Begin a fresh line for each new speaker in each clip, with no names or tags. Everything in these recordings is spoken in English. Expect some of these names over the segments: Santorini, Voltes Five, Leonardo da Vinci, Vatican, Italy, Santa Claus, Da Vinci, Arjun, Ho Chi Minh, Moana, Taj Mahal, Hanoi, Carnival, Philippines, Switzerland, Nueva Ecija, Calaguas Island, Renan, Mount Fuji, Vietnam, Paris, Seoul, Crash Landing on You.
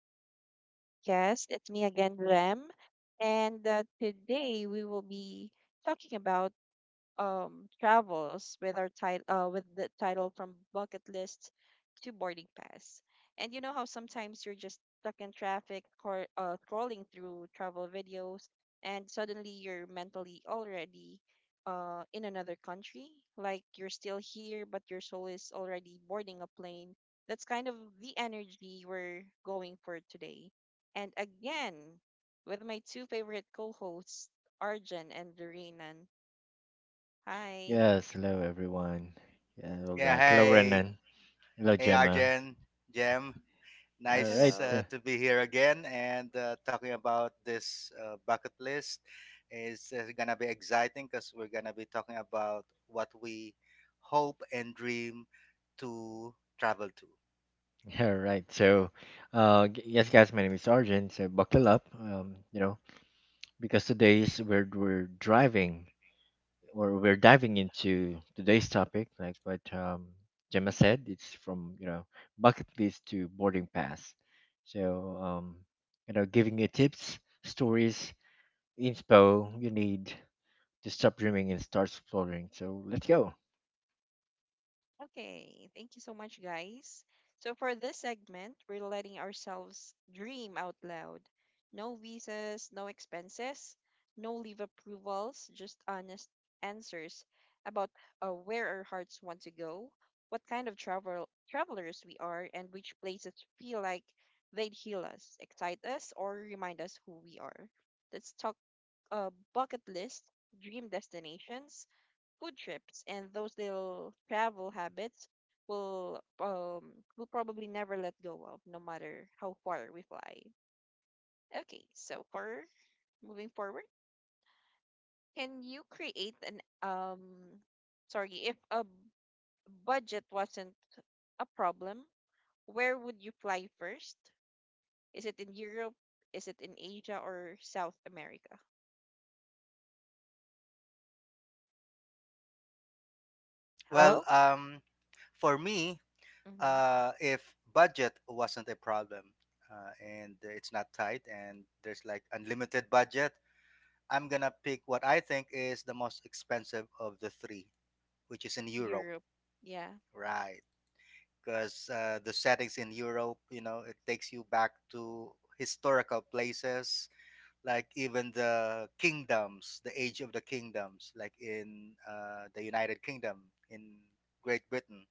Welcome back to our podcast. It's me again, Rem. And today we will be talking about travels with our title with the title from bucket list to boarding pass. And you know how sometimes you're just stuck in traffic or scrolling through travel videos and suddenly you're mentally already in another country, like you're still here but your soul is already boarding a plane. That's kind of the energy we're going for today. And again, with my two favorite co-hosts, Arjun and Dorinan. Hi.
Yes, hello everyone. Yeah, hello
Yeah,
guys. Hello
hey.
Renan. Hello
Hey,
Gemma.
Arjen, Jem.
All right.
Nice
Hello.
So,
to be here again and talking about this bucket list is going to be exciting because we're going to be talking about what we hope and dream to travel to.
all right. So, yes, guys. My name is Arjun. So buckle up. Because today's we're driving or we're diving into today's topic, like what Gemma said. It's from bucket list to boarding pass. So giving you tips, stories, inspo you need to stop dreaming and start exploring. So let's go.
Okay. Thank you so much, guys. So, for this segment, we're letting ourselves dream out loud. No visas, no expenses, no leave approvals, just honest answers about where our hearts want to go, what kind of travelers we are, and which places feel like they'd heal us, excite us, or remind us who we are. Let's talk bucket list, dream destinations, food trips, and those little travel habits will will probably never let go of, no matter how far we fly. Okay, so for moving forward, can you create an um sorry, if a budget wasn't a problem, where would you fly first? Is it in Europe? Is it in Asia or South America?
Well,
Hello?
um, for me,
Mm-hmm.
if budget wasn't a problem and it's not tight and there's like unlimited budget, I'm going to pick what I think is the most expensive of the three, which is in Europe,
Europe. Yeah.
right? Because the settings in Europe, you know, it takes you back to historical places, like even the kingdoms, the age of the kingdoms, like in the United Kingdom, in Great Britain,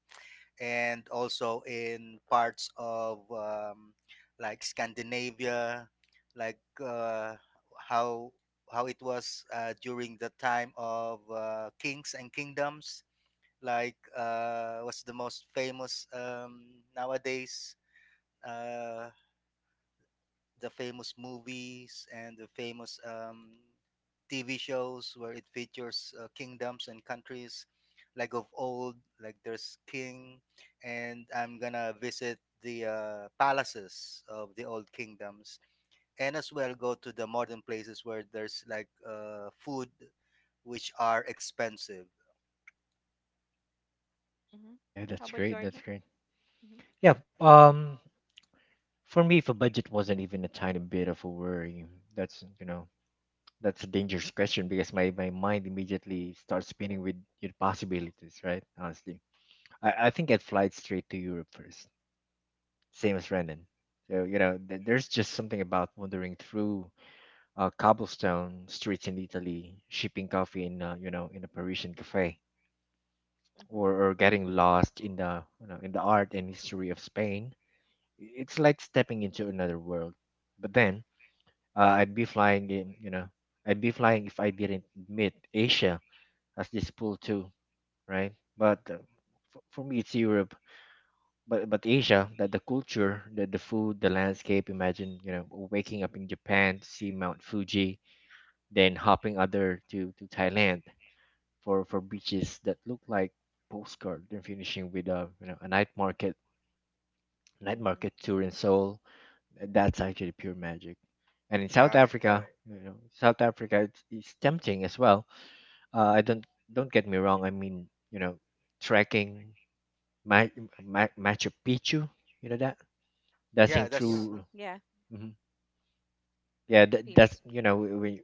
and also in parts of like Scandinavia, like uh, how how it was during the time of kings and kingdoms like what's the most famous nowadays? Uh, the famous movies and the famous TV shows where it features kingdoms and countries, like of old, like there's king, and I'm gonna visit the palaces of the old kingdoms, and as well go to the modern places where there's like food, which are expensive.
Mm-hmm.
Yeah,
How about
that's great.
Georgia?
That's great.
Mm-hmm.
Yeah. For me, if a budget wasn't even a tiny bit of a worry, that's that's a dangerous question because my mind immediately starts spinning with your possibilities, right? Honestly, I think I'd fly straight to Europe first, same as Renan. There's just something about wandering through cobblestone streets in Italy, sipping coffee in a Parisian cafe, or
Mm-hmm.
getting lost in the you know in the art and history of Spain. It's like stepping into another world. But then I'd be flying in, you know, I'd be flying if I didn't admit Asia as this pool too, right? But For, me, it's Europe. But Asia, that the culture, the food, the landscape. Imagine waking up in Japan to see Mount Fuji, then hopping other to Thailand for beaches that look like postcard. Then finishing with a a night
Mm-hmm.
market tour in Seoul. That's actually pure magic. And in South
Right.
Africa, you know, South Africa, it's tempting as well. I don't get me wrong. I mean, you know, trekking Ma- Machu Picchu, you know that dancing
Yeah,
Yeah.
that's
through,
Yeah.
Mhm. yeah,
The
that's
famous
you know, we,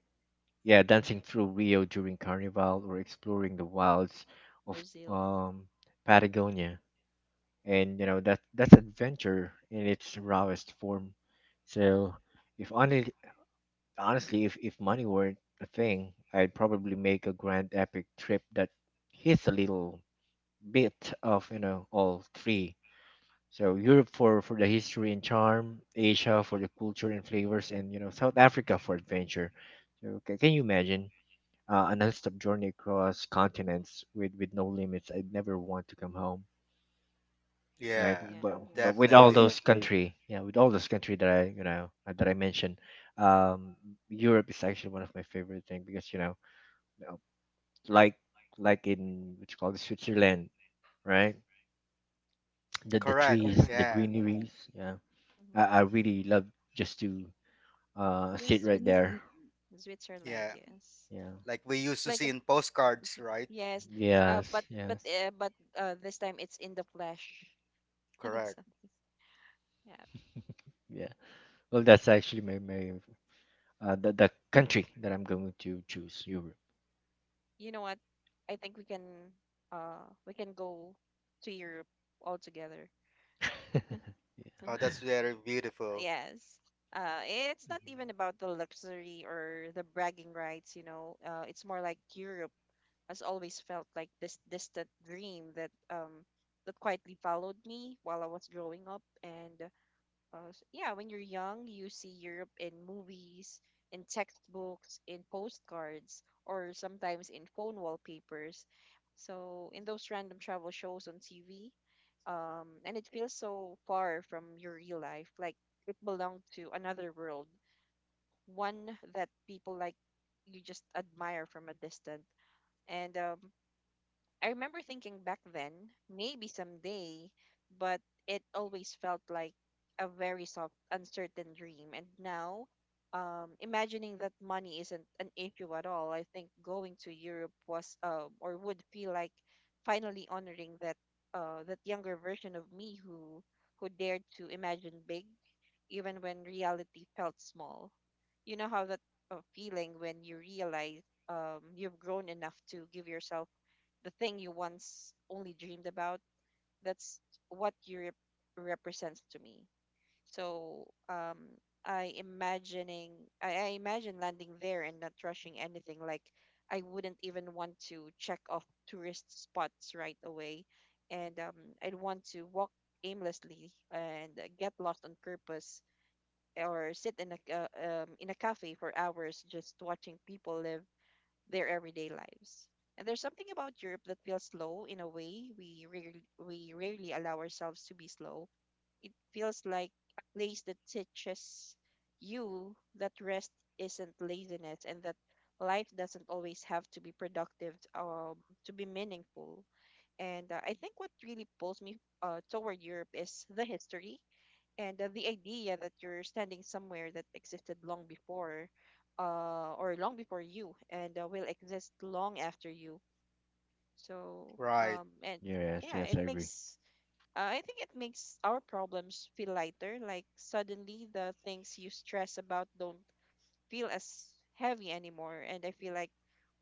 yeah, dancing through Rio during Carnival or exploring the wilds of
Brazil. Mm,
Patagonia, and you know that that's adventure in its rawest form. So if only honestly, if, money weren't a thing, I'd probably make a grand epic trip that hits a little bit of, you know, all three. So Europe for, the history and charm, Asia for the culture and flavors, and, you know, South Africa for adventure. So can, you imagine a non-stop journey across continents with, no limits? I'd never want to come home right?
yeah,
yes.
But with all
definitely.
those Definitely. Country, yeah, with all those country that I that I mentioned, um, Europe is actually one of my favorite thing because you know, uh, like like in what which called Switzerland, right? The
Correct.
trees, the
Yeah,
greeneries, yeah. I
Hmm.
really love just to
Yes,
sit right
Switzerland.
there.
Switzerland,
yeah.
yes.
Yeah.
Like we used
It's
to
like
see
a,
in postcards, right?
yes.
Yes. Yes.
But this time it's in the flesh.
Correct.
So, yeah.
Yeah. Well, that's actually my the country that I'm going to choose Europe.
You know what? I think we can go to Europe all together.
Yeah.
Oh, that's very beautiful.
Yes. Uh, it's not even
Mhm.
about the luxury or the bragging rights, you know. It's more like Europe has always felt like this distant dream that that quietly followed me while I was growing up. Yeah, when you're young, you see Europe in movies, in textbooks, in postcards, or sometimes in phone wallpapers. So in those random travel shows on TV, and it feels so far from your real life, like it belonged to another world, one that people like you just admire from a distance. And I remember thinking back then, maybe someday, but it always felt like a very soft, uncertain dream. And now, imagining that money isn't an issue at all, I think going to Europe was or would feel like finally honoring that that younger version of me who dared to imagine big even when reality felt small. You know how that feeling when you realize you've grown enough to give yourself the thing you once only dreamed about? That's what Europe represents to me. So I imagining I imagine landing there and not rushing anything. Like I wouldn't even want to check off tourist spots right away, and I'd want to walk aimlessly and get lost on purpose or sit in a in a cafe for hours just watching people live their everyday lives. And there's something about Europe that feels slow in a way we rarely allow ourselves to be slow. It feels like a place that teaches you that rest isn't laziness and that life doesn't always have to be productive to be meaningful. And I think what really pulls me toward Europe is the history and the idea that you're standing somewhere that existed long before or long before you and will exist long after you so
Right.
and
Yes,
Yeah,
yes,
it
I agree.
makes I think it makes our problems feel lighter, like suddenly the things you stress about don't feel as heavy anymore. And I feel like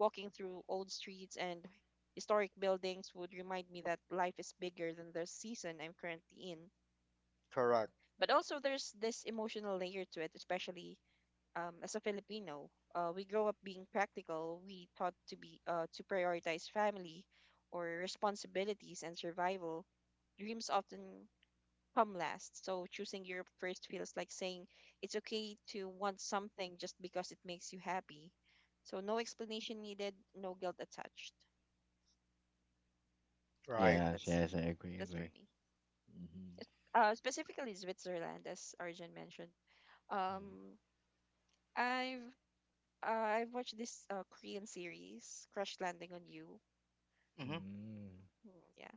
walking through old streets and historic buildings would remind me that life is bigger than the season I'm currently in.
Correct.
But also, there's this emotional layer to it, especially as a Filipino. We grow up being practical. We taught to be to prioritize family or responsibilities and survival. Dreams often come last. So choosing Europe first feels like saying it's okay to want something just because it makes you happy. So no explanation needed, no guilt attached. So yeah,
Right.
Yes, yes,
that's for
agree.
me.
Mm-hmm.
Specifically Switzerland, as Arjun mentioned. Um, I've Uh, I've watched this Korean series, Crash Landing on You.
Mm-hmm.
Mm.
Mm, yeah.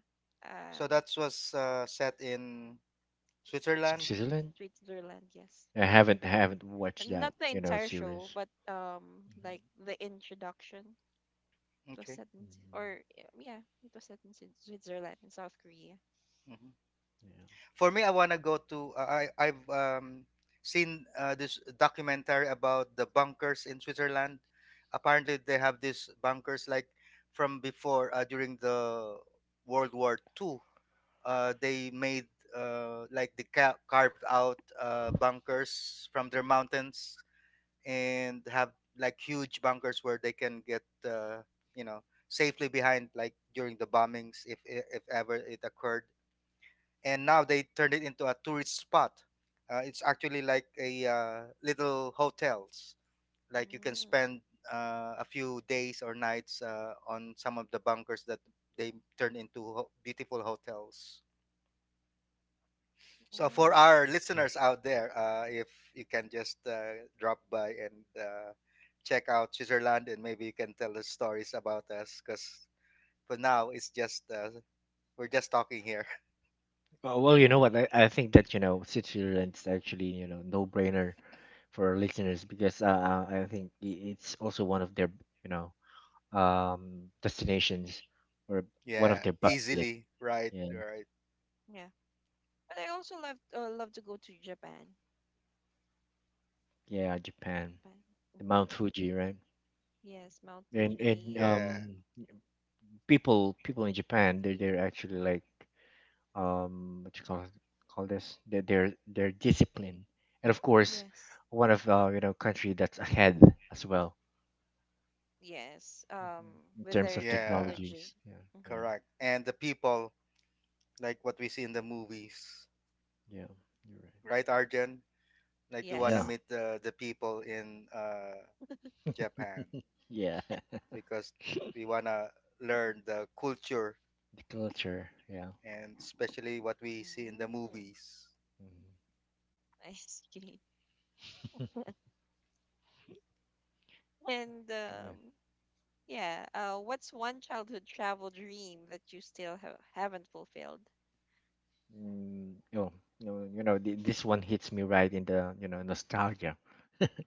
So
Um,
that was set in
S-
Switzerland.
Switzerland?
Switzerland, yes.
I
Okay.
haven't haven't watched
And
that,
not the
you know,
entire show,
series.
but
Mm-hmm.
like the introduction. It was
Okay.
set in, yeah, it was set in Switzerland in South Korea.
Mm-hmm.
Yeah.
For me, I wanna go to. I've seen this documentary about the bunkers in Switzerland. Apparently, they have these bunkers like from before during the World War Two, they made like they carved out bunkers from their mountains and have like huge bunkers where they can get you know safely behind like during the bombings if ever it occurred, and now they turned it into a tourist spot. Uh, it's actually like a little hotels, like you can
Mm,
spend a few days or nights on some of the bunkers that they turned into beautiful hotels. So
Mm.
for
oh,
our
Right.
listeners out there, if you can just drop by and check out Switzerland, and maybe you can tell us stories about us, because for now it's just we're just talking here.
Oh, well, you know
yeah,
what? I think that, you know, Switzerland's actually, you know, no-brainer for our listeners because I think it's also one of their, you know, destinations or one of
Yeah,
their bucket list.
easily, right,
Yeah,
right.
yeah. But I also love love to go to Japan.
yeah, Japan,
Japan.
the
Hmm.
Mount Fuji, right?
Yes, Mount
And
Fuji,
Yeah,
people people in Japan they
the people.
they're actually like what you call this they're disciplined and of course
Yes,
one of you know country that's ahead as well.
yes.
Mhm. In
With
terms
their
of
yeah,
technology.
technologies. Yeah,
Mm-hmm.
yeah,
correct. And the people, like what we see in the movies,
yeah. You're right.
right, Arjun? Like we wanna
Yeah,
Yes.
meet the people in Japan
yeah.
because we wanna learn the culture,
The culture, yeah.
and especially what we see in the
Mm,
movies.
Mhm.
I see. And
Yeah.
yeah, what's one childhood travel dream that you still ha haven't fulfilled?
Mm, oh, no, you know, this one hits me right in the, you know, nostalgia.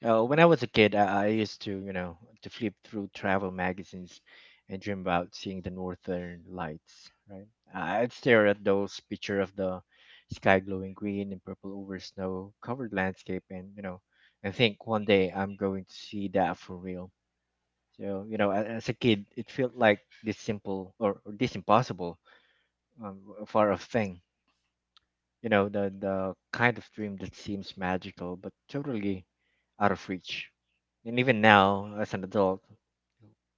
When I
Mm-hmm.
was a kid, I used to, you know, to flip through travel magazines and dream about seeing the northern lights, right? I- I'd stare at those picture of the sky glowing green and purple over snow-covered landscape and, you know, and think one day I'm going to see that for real. So, you know, as a kid, it felt like this simple or, this impossible, um, far off thing, you know, the, kind of dream that seems magical but totally out of reach. And even now, as an adult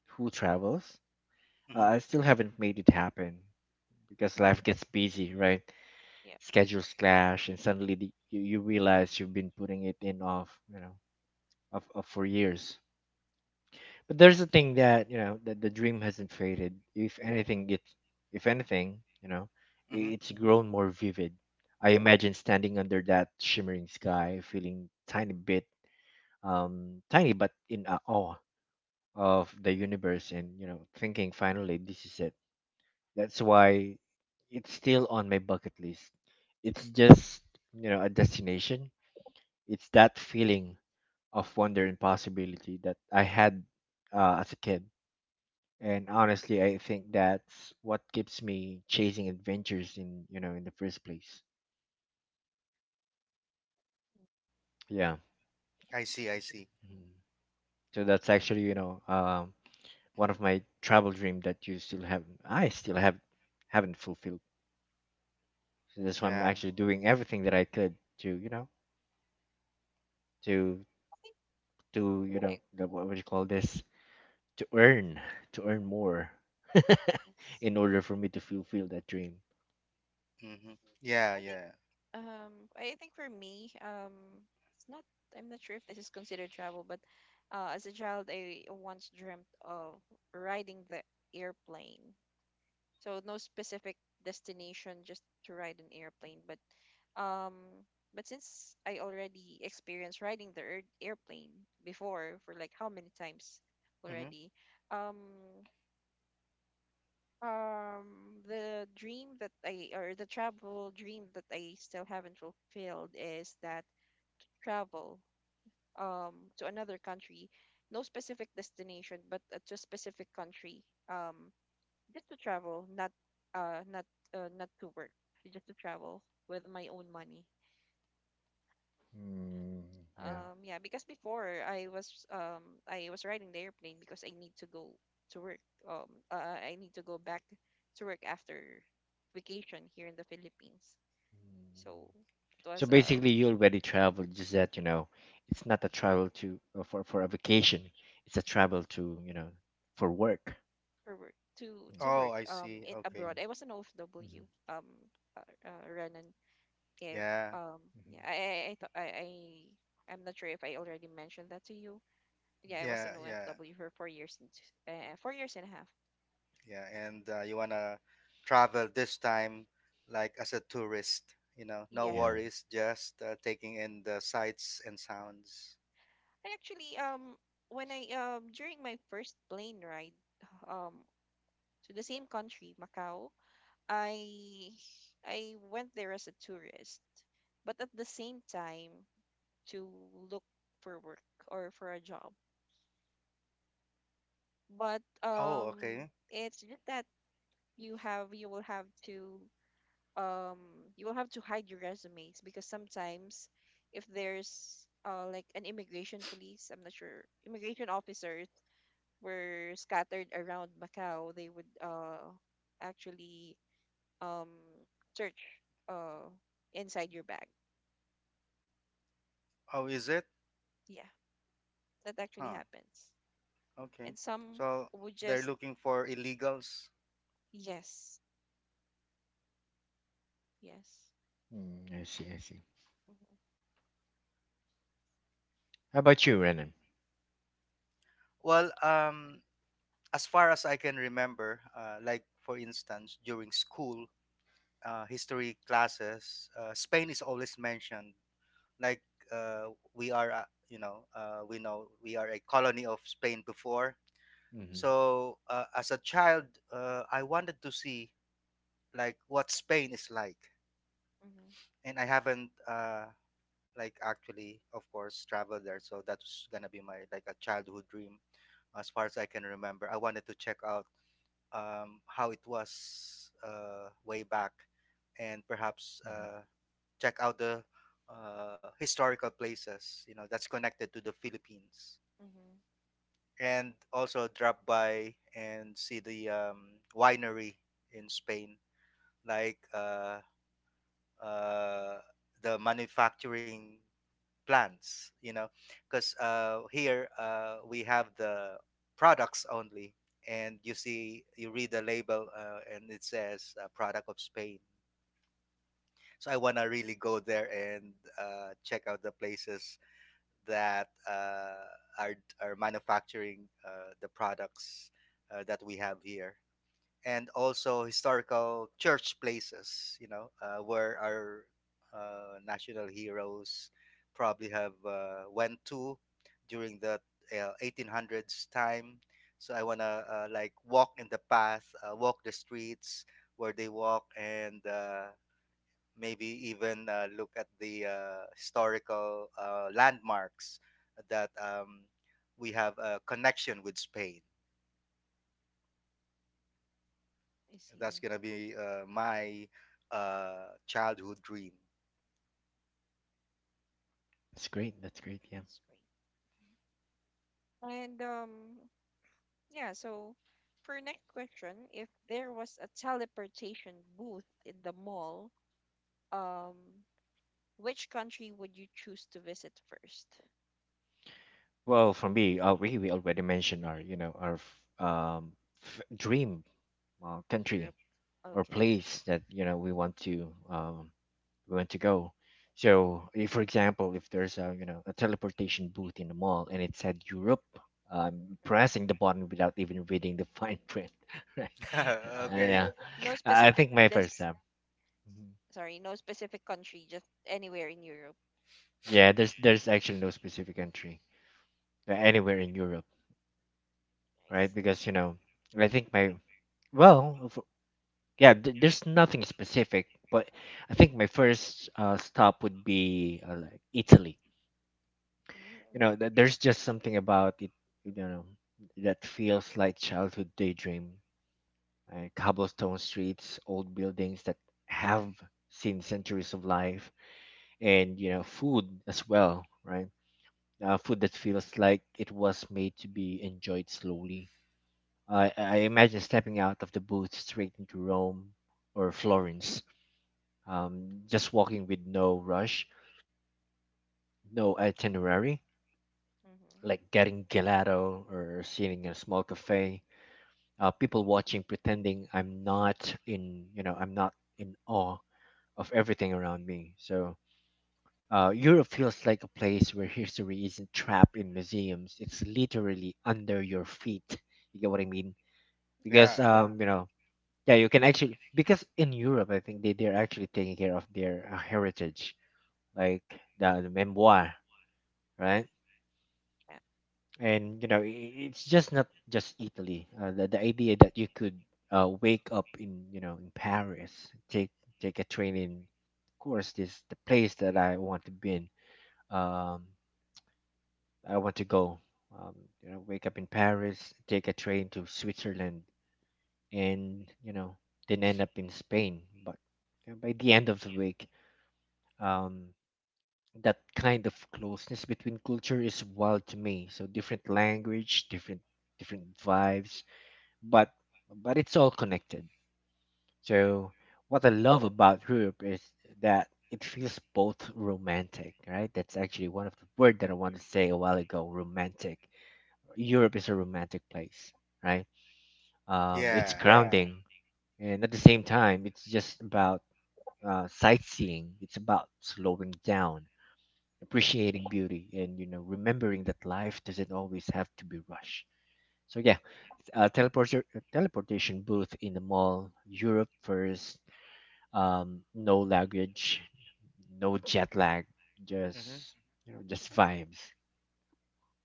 who travels,
Mm-hmm.
I still haven't made it happen because life gets busy, right?
Yeah.
Schedules clash, and suddenly the, you realize you've been putting it in off, you know, of, for years. But there's a thing that you know that the dream hasn't faded. If anything, you know,
Mm-hmm.
it's grown more vivid. I imagine standing under that shimmering sky, feeling tiny but in awe of the universe, and you know, thinking finally this is it. That's why it's still on my bucket list. It's just you know a destination. It's that feeling of wonder and possibility that I had as a kid. And honestly, I think that's what keeps me chasing adventures in, you know, in the first place.
Mm.
Yeah.
I see. I
So,
see.
mhm. So that's actually, you know, one of my travel dream that I still have, haven't fulfilled. So that's why I'm
Yeah.
actually doing everything that I could to, you know, to,
I think
you
I,
know, the- what would you call this? To earn, to earn more
yes.
in order for me to fulfill that dream.
Mm-hmm. Yeah.
I think
Yeah.
I think for me it's not. I'm not sure if this is considered travel, but as a child I once dreamt of riding the airplane. So no specific destination, just to ride an airplane. Um, but since I already experienced riding the airplane before for like how many times
Mm-hmm.
already, um, the dream that I, or the travel dream that I still haven't fulfilled, is that to travel to another country, no specific destination, but to a specific country. Um, just to travel, uh not not to work, just to travel with my own money.
Mm, yeah.
Um, yeah, because before I was I was riding the airplane because I need to go to work. I need to go back to work after vacation here in the Philippines.
Mm.
So it
So
was
basically, you already traveled, just that you know, it's not a travel to for a vacation. It's a travel to you know for work.
for work
Mhm,
to
Oh,
work
I see.
it
Okay.
mhm,
abroad. I was an OFW
mhm,
um Renan if
Yeah.
um
mhm,
yeah I I I, th- I I I'm not sure if I already mentioned that to you. Yeah, I was an
Yeah.
mhm.
Yeah.
OFW for 4 years and a half.
Yeah. And you wanna travel this time, like as a tourist. You know, no
Yes,
Yeah,
worries, just taking in the sights and sounds.
I actually when I during my first plane ride um to the same country, Macau, I I went there as a tourist, but at the same time to look for work or for a job. But
Oh, okay.
it's just that you will have to um you will have to hide your resumes because sometimes if there's like an immigration police, I'm not sure, immigration officers were scattered around Macau. They would actually um search uh inside your bag.
Oh, is it?
Yeah, that actually
Huh.
happens.
Okay.
And some
So
would
they're
just,
looking for illegals.
yes, yes.
mm, I see, I see.
Mm-hmm,
How about you, Renan?
Well, um, as far as I can remember, like for instance, during school history classes, Spain is always mentioned. Like uh, we are, we know we are a colony of Spain before.
Hmm,
So as a child, I wanted to see like what Spain is like,
mm-hmm,
and I haven't like actually, of course, traveled there. So that's gonna be my like a childhood dream as far as I can remember. I wanted to check out how it was way back, and perhaps
hmm.
check out the historical places you know that's connected to the Philippines,
mm-hmm.
and also drop by and see the winery in Spain, like uh, uh, the manufacturing plants, you know, because here we have the products only, and you see you read the label and it says product of Spain. So I want to really go there, and check out the places that are, are manufacturing the products that we have here, and also historical church places, you know, where our national heroes probably have went to during the 1800s time. So I wanna like walk in the path, walk the streets where they walk, and maybe even look at the historical landmarks that we have a connection with Spain.
I see.
That's gonna be my childhood dream.
That's great. That's great. Yeah.
It's great. And Yeah, so for next question, if there was a teleportation booth in the mall, um, which country would you choose to visit first?
Well, for me, we already mentioned our our
Mm,
dream country
Europe.
or
Okay.
place that you know we want to go. So, if, for example, if there's a a teleportation booth in the mall and it said Europe, pressing
Hmm.
the button without even reading the fine print, right?
Um,
Okay.
Yeah,
no
I
specific
think my first
this,
time. Mhm.
sorry, no specific country, just anywhere in Europe.
Yeah, there's actually no specific country, anywhere in Europe,
I
right?
see.
Because you know, I think my well, if- yeah, there's nothing specific, but I think my first stop would be like Italy. You
Mm-hmm.
know, there's just something about it, you know, that feels like childhood daydream. Cobblestone streets, old buildings that have seen centuries of life, and you know food as well, right? Food that feels like it was made to be enjoyed slowly. I imagine stepping out of the booth straight into Rome or Florence, just walking with no rush, no itinerary,
Mm-hmm.
like getting gelato or sitting in a small cafe, people watching, pretending I'm not in awe of everything around me. So Europe feels like a place where history isn't trapped in museums, it's literally under your feet. You get what I mean? Because
Yeah.
Yeah. You know, yeah, you can actually, because in Europe I think they're actually taking care of their heritage, like the, memoir, right?
Yeah.
And you know it's just not just Italy. The idea that you could wake up in you know in paris take take a train in of course this the place that I want to be in, um I want to go um you know, wake up in Paris, take a train to Switzerland, and you know, then end up in Spain. But you know, by the end of the week, um that kind of closeness between culture is wild to me. So different language, different vibes, but it's all connected. So what I love about Europe is that it feels both romantic, right? That's actually one of the word that I wanted to say a while ago, romantic. Europe is a romantic place, right? It's Yeah.
Yeah.
grounding, and at the same time, it's just about sightseeing. It's about slowing down, appreciating beauty, and you know, remembering that life doesn't always have to be rushed. So yeah, uh, teleporter, teleportation booth in the mall, Europe first, no luggage, no jet lag,
Hmm.
just you know, just vibes.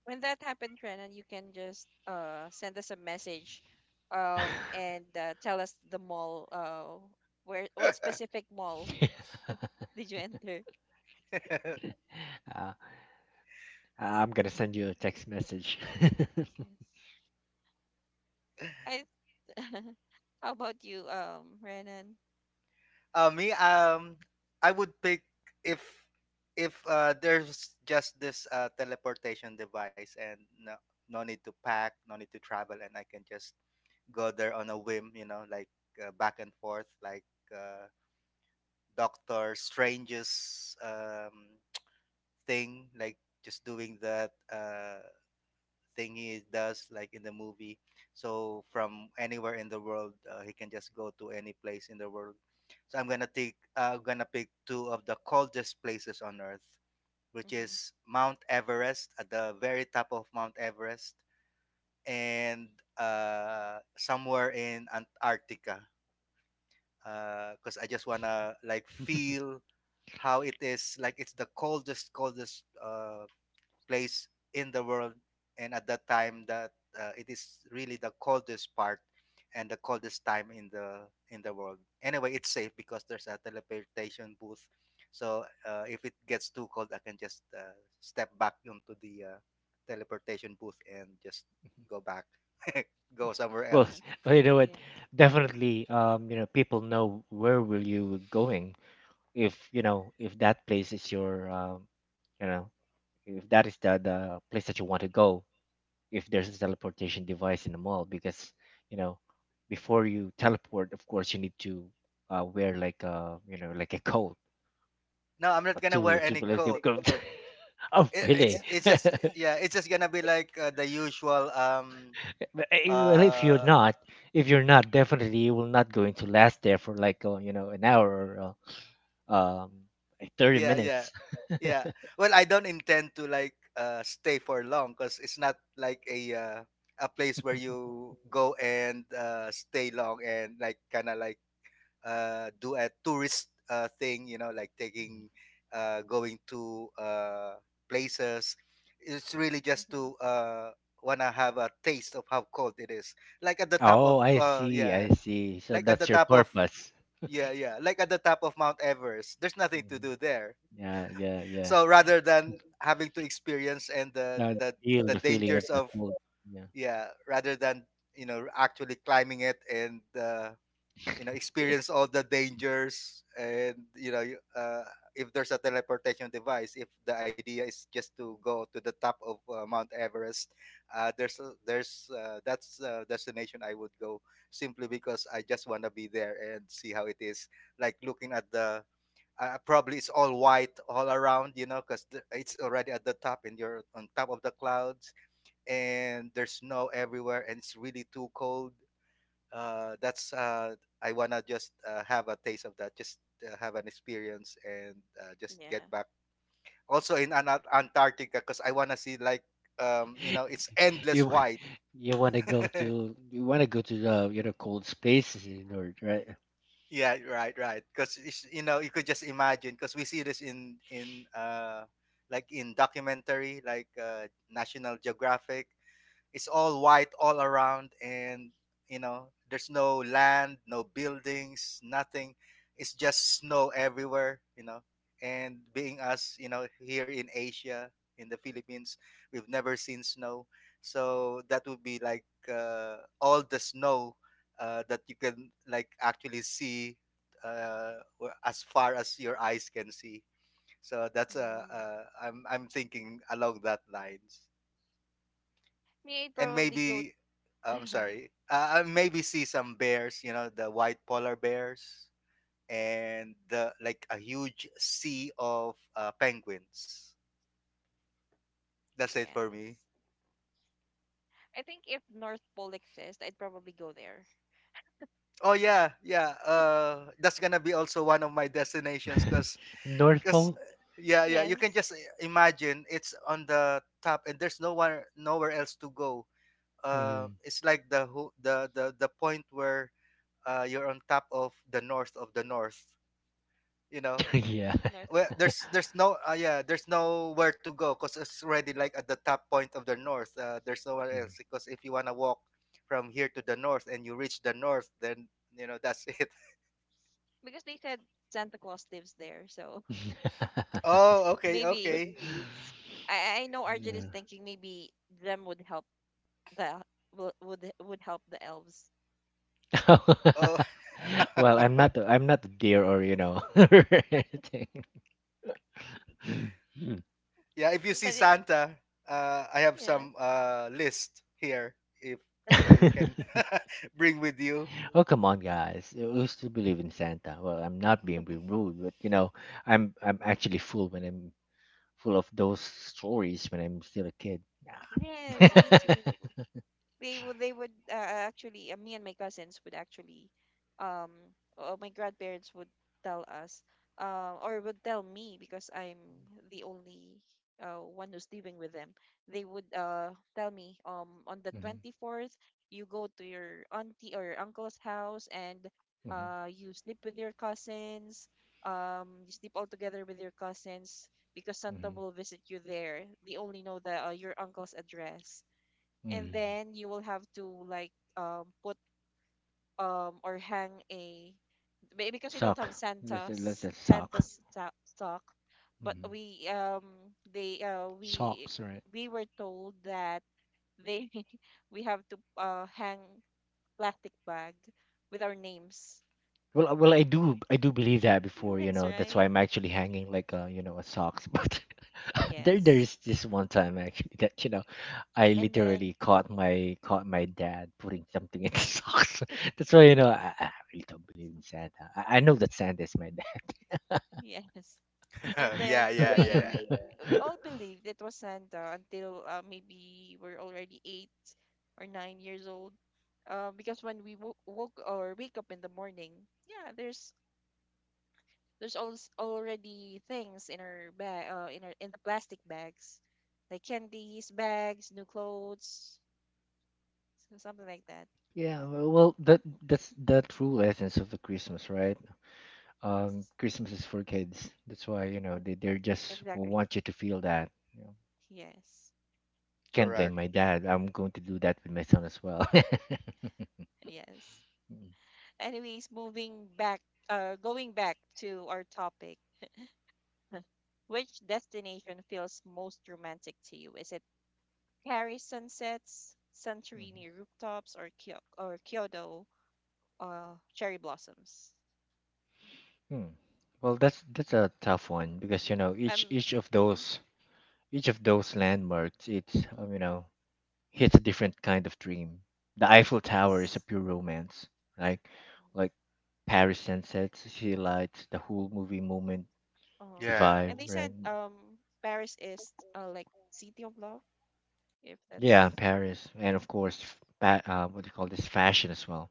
When that happens, Renan, you can just send us a message, and tell us the mall. Where, what specific mall did you enter?
uh, I'm gonna send you a text message.
Yes. I. How about you, Renan?
Uh, me, I would pick if there's just this teleportation device and no need to pack, no need to travel, and I can just go there on a whim, you know, like back and forth, like uh, Doctor Strange's thing, like just doing that. Thingy does like in the movie, so from anywhere in the world he can just go to any place in the world. So I'm gonna pick two of the coldest places on Earth, which is Mount Everest, at the very top of Mount Everest, and somewhere in Antarctica, because I just wanna like feel how it is, like it's the coldest place in the world, and at that time that it is really the coldest part and the coldest time in the world. Anyway, it's safe because there's a teleportation booth, so if it gets too cold I can just step back onto the teleportation booth and just go back, go somewhere
well,
Mm-hmm.
else.
you know
Yeah.
what? Definitely, people know where will you going if if that place is your, you know, if that is the place that you want to go if there's a teleportation device in the mall because you know before you teleport of course you need to wear like a like a coat,
No, I'm not
a
gonna
two,
wear
a two
any
plus
coat.
coat. Oh
It, it's
really?
just, yeah, it's just gonna be like the usual
Well, if you're
uh
not, if you're not definitely you will not going to last there for like an hour or uh, um like 30
yeah. Yeah,
minutes.
yeah. Well, I don't intend to like stay for long, because it's not like a place where you go and stay long and like kind of like do a tourist thing, you know, like taking going to places. It's really just
Mm-hmm.
to wanna have a taste of how cold it is, like at the top of
Oh I see, I
yeah,
see, so
like at the
that's your
top of
purpose.
yeah, yeah, like at the top of
Yeah.
Mount Everest, there's nothing to
Mhm.
do there.
Yeah, yeah, yeah,
So rather than having to experience and
now feel
the
the feeling of
dangers
the
of,
cold. Yeah.
yeah, rather than you know actually climbing it, and you know experience all the dangers and you know, if there's a teleportation device, if the idea is just to go to the top of Mount Everest, there's that's a destination I would go, simply because I just want to be there and see how it is, like looking at the probably it's all white all around, you know, because it's already at the top and you're on top of the clouds, and there's snow everywhere and it's really too cold. That's I wanna just have a taste of that, just have an experience, and just get
Yeah.
back. Also in Antarctica, because I wanna see like you know it's endless
you
white.
you want to go to, you want to go to the cold spaces in the north, right?
Yeah, right, right. Because you know, you could just imagine. Because we see this in like in documentary, like National Geographic. It's all white all around, and you know, there's no land, no buildings, nothing. It's just snow everywhere, you know. And being us, you know, here in Asia, in the Philippines, we've never seen snow. So that would be like all the snow that you can like actually see as far as your eyes can see. So that's
Mm.
I'm thinking along that lines,
Me, I'd
and
probably go.
maybe, I'm sorry, maybe see some bears, you know, the white polar bears, and the like a huge sea of penguins. That's it for me.
Yes. I think if North Pole exists, I'd probably go there.
Oh yeah, yeah. That's gonna be also one of my destinations,
North
cause,
Pole?
uh, yeah, yeah. You can
Yes,
just imagine it's on the top, and there's nowhere else to go.
Mm.
It's like the who the point where you're on top of the north of the north. You know,
Yeah.
North
well
Pole,
there's no yeah there's nowhere to go because it's already like at the top point of the north. There's nowhere
Mm.
else, because if you want to walk from here to the north and you reach the north, then you know that's it.
because they said Santa Claus lives there, so
Oh, okay,
maybe.
okay.
I know Arjun is
Yeah.
thinking maybe them would help the will- would help the elves.
Oh.
Well, I'm not a deer or you know or anything. Mm.
Yeah, if you see
But eh,
Santa, I have
yeah.
some list here. If you know you can bring with you.
Oh come on, guys! We still believe in Santa. Well, I'm not being rude, but you know, I'm actually full when I'm full of those stories when I'm still a kid. Nah.
Yes, me too. They would actually, me and my cousins would actually um or my grandparents would tell us, or would tell me because I'm the only one who's living with them. They would tell me on the
Hmm.
24th, you go to your auntie or your uncle's house and
Hmm.
you sleep with your cousins, um, you sleep all together with your cousins because Santa
Hmm.
will visit you there. They only know the your uncle's address. And
Hmm.
then you will have to like put or hang a, because we don't
Suck.
have
Let's just suck.
Santa's stock, but
Hmm.
we
Socks, right?
we were told that they, we have to hang plastic bag with our names.
Well, I do believe that before, you
Yes,
know. That's why
right?
I'm actually hanging like a, you know, a socks. But there,
Yes.
there's this one time actually that you know, I
And then
literally caught my, caught my dad putting something in the socks. That's why you know, I really don't believe in Santa. I know that Santa is my
yes. And
Yeah,
then
yeah,
we
dad.
we
yeah.
we all believed it was Santa until maybe we're already 8 or 9 years old. Because when we wo- woke or wake up in the morning, yeah, there's always already things in our bag, in the plastic bags, like candies, bags, new clothes, so something like that.
Yeah, well, well, that, that's the true essence of the Christmas, right?
Yes.
Christmas is for kids. That's why, you know,
Yep,
they just
exactly.
want you to feel that. You know,
Yes.
can't blame
Correct.
my dad. I'm going to do that with my son as well.
Yes.
Mm,
Anyways, moving back, going back to our topic. Which destination feels most romantic to you? Is it Paris sunsets,
mhm.
Santorini rooftops, or Kyoto cherry blossoms?
Hmm. Well, that's a tough one because you know each
Um,
each of
mhm,
those, each of those landmarks, it's you know hits a different kind of dream. The Eiffel Tower is a
yes.
pure romance, like
Mm,
Like Paris sunsets, city lights, the whole movie moment, the
oh,
Yeah.
vibe,
and they said
right?
Paris is like city of love, if
Yeah,
that's correct.
Paris, and of course, f- fa- what do you call this, fashion as well.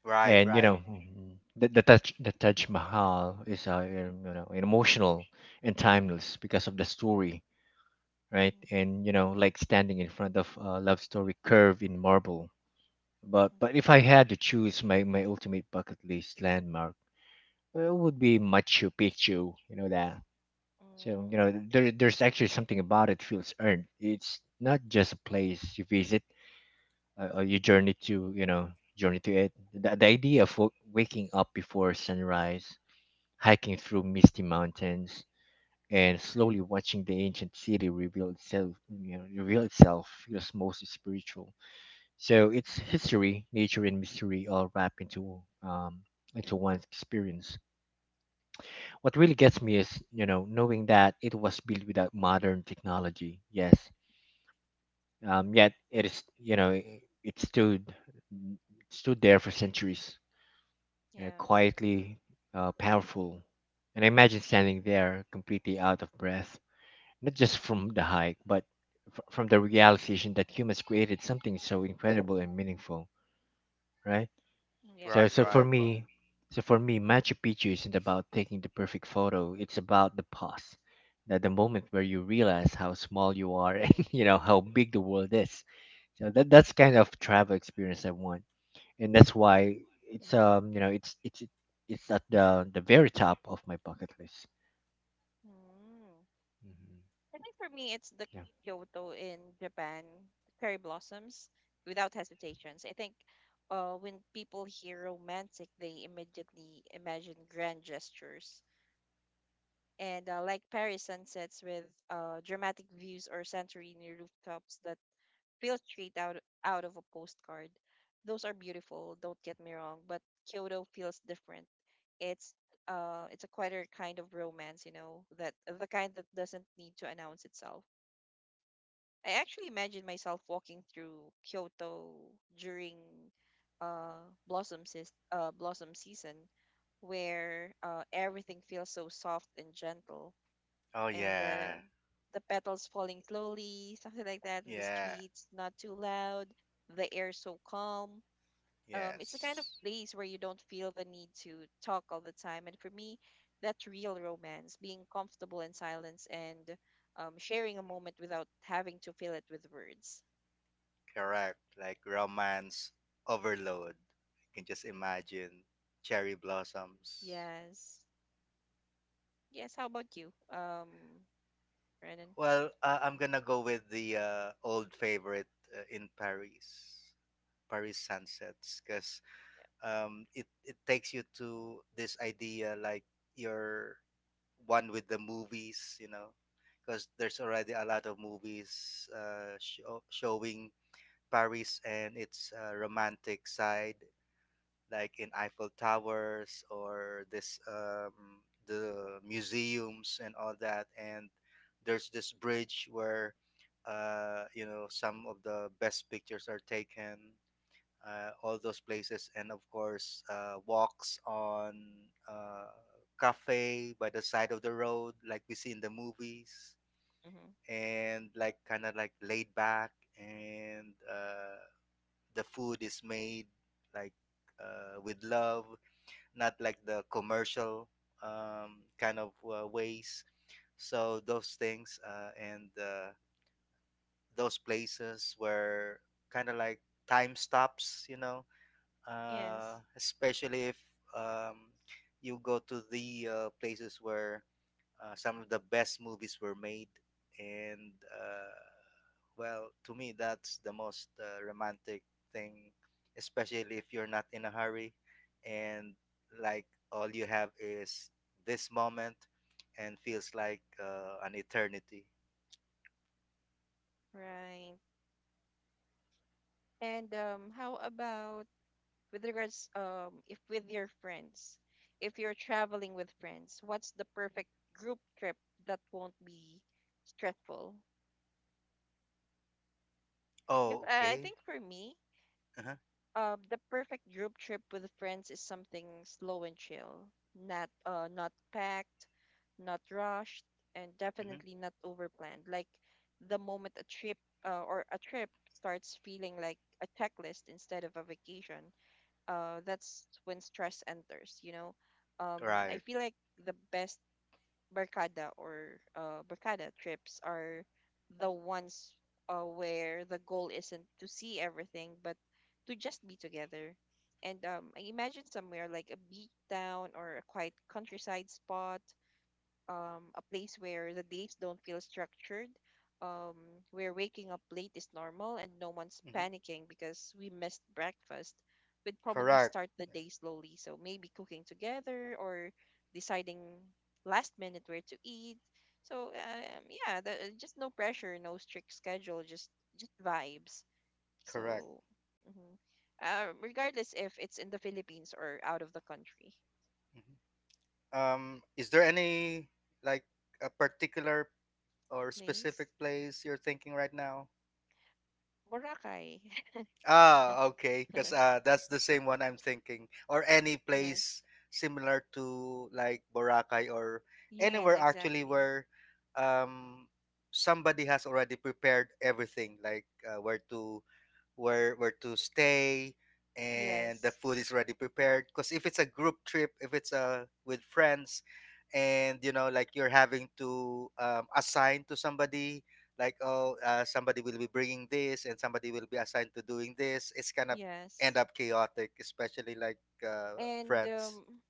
Right,
And you
right.
Mm,
know, mhm, the Taj Mahal is you know emotional and timeless because of the story, right?
mhm,
And you know, like standing in front of a love story curved in marble.
mhm,
But if I had to choose my, my ultimate bucket list landmark, it would be Machu Picchu. You know that. So
mm,
you know, there, there's actually something about it feels earned. It's not just a place you visit or your journey to you know, journey to it, the idea of w- waking up before sunrise, hiking through misty mountains, and slowly watching the ancient city reveal itself, you know, reveal itself feels most spiritual, so it's history, nature, and mystery all wrapped into um, into one's experience. What really gets me is you know knowing that it was built without modern technology, yes,
mhm.
yet it is you know, it stood, stood there for centuries, you know,
Yes.
quietly, powerful. And I imagine standing there completely out of breath, not just from the hike, but f- from the realization that humans created something so incredible and meaningful, right?
Mm, yeah.
So,
Right, right.
so for me, Machu Picchu isn't about taking the perfect photo. It's about the pause, the moment where you realize how small you are and you know how big the world is. So that, that's kind of travel experience I want, and that's
Mhm.
why it's you know it's at the very top of my bucket list.
Mm.
Hmm.
I think for me, it's the
Yeah.
Kyoto in Japan, cherry blossoms, without hesitations. I think when people hear romantic, they immediately imagine grand gestures. And like Paris sunsets with dramatic views or Santorini rooftops that feel out of a postcard. Those are beautiful, don't get me wrong, but Kyoto feels different. It's it's a quieter kind of romance, you know, that the kind that doesn't need to announce itself. I actually imagine myself walking through Kyoto during blossom season where everything feels so soft and gentle,
Oh
and
yeah,
the petals falling slowly, something like that in the
yeah.
streets, not too loud, the air so calm. It's a kind of
Yes,
place where you don't feel the need to talk all the time. And for me, that's real romance, being comfortable in silence and, sharing a moment without having to fill it with words.
correct. Like romance overload. I can just imagine cherry blossoms.
Yes. Yes. How about you, Renan?
Well, I'm gonna go with the old favorite in Paris sunsets, because it it takes you to this idea like you're one with the movies, you know, because there's already a lot of movies showing Paris and its romantic side, like in Eiffel Towers, or this the museums and all that. And there's this bridge where you know some of the best pictures are taken. All those places, and of course, walks on uh, cafe by the side of the road, like we see in the movies,
Yeah, mm-hmm.
and like kind of like laid back, and the food is made like with love, not like the commercial kind of ways. So those things and those places were kind of like time stops, you know,
Yes.
especially if um, you go to the places where some of the best movies were made, and well, to me, that's the most romantic thing, especially if you're not in a hurry, and like all you have is this moment, and feels like an eternity.
Right. And how about with regards if with your friends, if you're traveling with friends, what's the perfect group trip that won't be stressful? Yes,
Oh,
I
okay.
think for me,
Uh-huh.
the perfect group trip with friends is something slow and chill, not packed, not rushed, and
Mm-hmm.
definitely not overplanned. Like the moment a trip or a trip starts feeling like a checklist instead of a vacation, that's when stress enters, you know. Um, I
Right.
feel like the best barkada or barkada trips are the ones where the goal isn't to see everything, but to just be together. And I imagine somewhere like a beach town or a quiet countryside spot, a place where the days don't feel structured, um, where waking up late is normal and no one's
Mm-hmm.
panicking because we missed breakfast. We'd probably
Correct.
start the day slowly. So maybe cooking together or deciding last minute where to eat. So yeah, just no pressure, no strict schedule, just vibes.
Correct.
So mhm. Regardless if it's in the Philippines or out of the country,
hmm Um, is there any like a particular or
nice.
specific place you're thinking right now?
Boracay.
Ah, okay. Because that's the same one I'm thinking. Or any place
Yes.
similar to like Boracay or
Yes,
anywhere actually
exactly.
where um, somebody has already prepared everything, like where to where to stay, and the
Yes,
food is already prepared. Because if it's a group trip, if it's with friends, and you know like you're having to assign to somebody, like, oh, somebody will be bringing this and somebody will be assigned to doing this, it's gonna end
yes.
up chaotic, especially like
And
friends.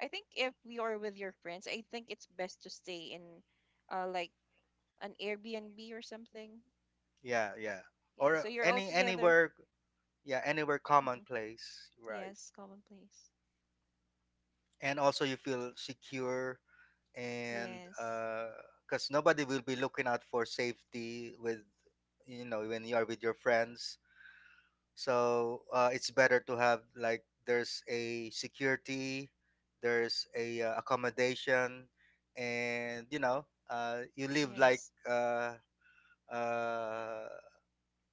I think if we are with your friends, I think it's best to stay in like an Airbnb or something.
Yeah, yeah.
Yeah,
Or
so you're all
any
together.
anywhere yeah, anywhere
Hmm.
commonplace, right?
Yes, commonplace.
And also you feel secure, and
Yes,
because nobody will be looking out for safety with, you know, when you are with your friends. So it's better to have like there's a security, there's a accommodation, and you know you live
yes,
uh,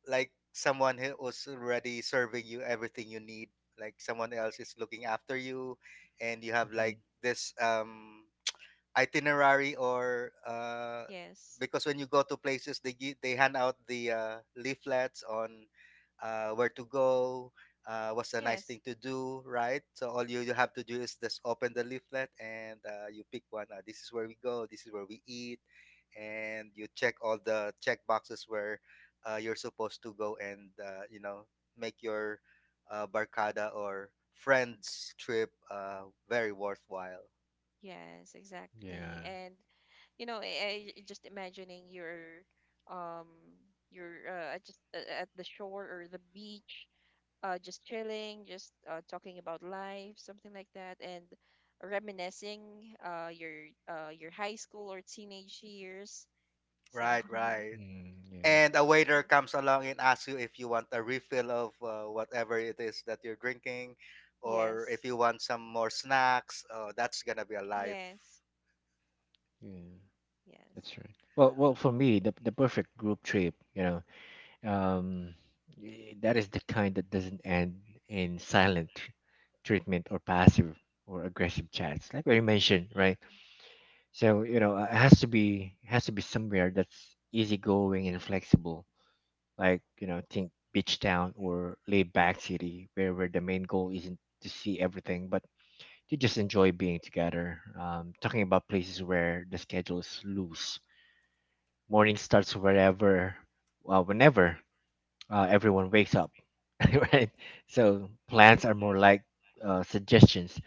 like someone who was already serving you everything you need. Like someone else is looking after you, and you have
Hmm.
like this. Itinerary or
yes,
because when you go to places they hand out the leaflets on where to go, what's a nice
yes,
thing to do, right? So all you, you have to do is just open the leaflet and you pick one. Uh, this is where we go, this is where we eat, and you check all the check boxes where you're supposed to go, and you know, make your barcada or friends trip very worthwhile.
yes, exactly.
Yeah.
And you know, I just imagining um your just at the shore or the beach, just chilling, just talking about life, something like that, and reminiscing uh, your your high school or teenage years. So
Right, right.
Mm, yeah.
And a waiter
yeah.
comes along and asks you if you want a refill of whatever it is that you're drinking, or
Yes,
if you want some more snacks. Oh, that's gonna be a life.
yes,
Yeah.
yes.
That's right. Well, well, for me, the perfect group trip, you know, um, y- that is the kind that doesn't end in silent tr- treatment or passive or aggressive chats, like what you mentioned, right?
Mhm.
So, you know, it has to be, has to be somewhere that's easygoing and flexible, like you know think beach town or laid back city where the main goal isn't to see everything but to just enjoy being together talking about places where the schedule is loose, morning starts wherever, well whenever, everyone wakes up. Right, so plans are more like suggestions,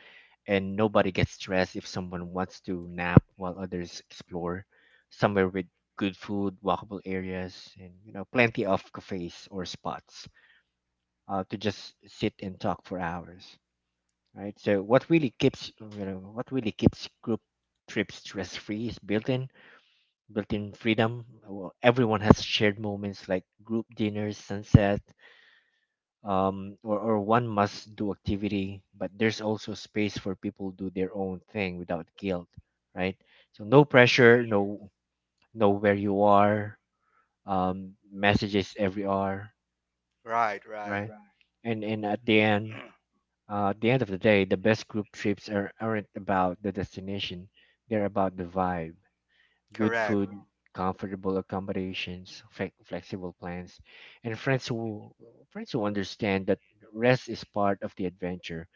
and nobody gets stressed if someone wants to nap while others explore, somewhere with good food, walkable areas, and you know plenty of cafes or spots to just sit and talk for hours, right? So what really keeps, you know what really keeps group trips stress free is built-in freedom. Well, everyone has shared moments like group dinners, sunset, or one must do activity, but there's also space for people to do their own thing without guilt, right? So no
You're right.
pressure, no know where you are, messages every hour,
Right,
right?
right.
Right. And at the end, uh, at the end of the day, the best group trips are, aren't about the destination, they're about the vibe. Good
Correct.
food,
Mm-hmm.
comfortable accommodations, flex flexible plans, and friends who, friends who understand that rest is part of the adventure.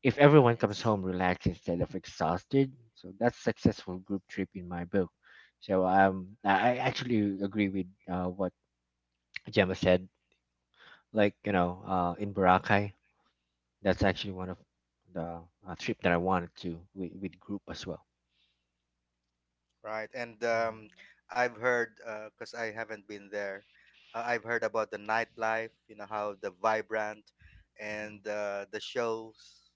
If everyone comes
Yes.
home relaxed instead of exhausted, so that's successful group trip in my book. So I actually agree with what Gemma said. Like you know, in Boracay, that's actually one of the trip that I wanted to with group as well.
Right. And
Mm-hmm.
I've heard, because I haven't been there, I've heard about the nightlife, you know, how the vibrant,
Mhm.
and the shows.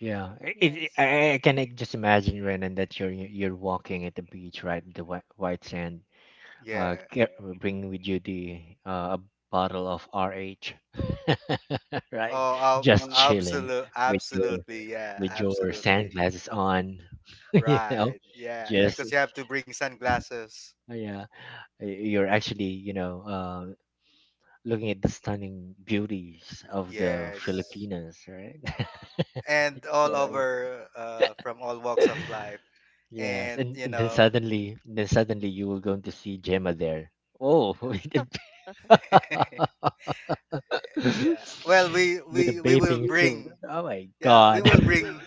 Yeah, I- it,
Yes.
I can like, just imagine Renan that you're walking at the beach, right? The white, white sand.
Yeah.
Ca- bring with you the a bottle of RH, right?
oh ab-
Just chilling
Absolute,
with your,
absolutely, yeah,
with your
absolutely.
sunglasses on, you know.
Right. Yeah. Yeah.
Just
Because you have to bring sunglasses.
yeah, y- you're actually you know looking at the stunning beauties of the
Yes.
Filipinas, right?
And
You
all
know,
over, from all walks of life,
yes,
and you
and
know,
then suddenly you were going to see Gemma there. Oh, with a,
yeah. Yeah. Well, we
with a
we we will
bathing suit.
bring.
Oh my
Yeah, we
God.
will bring.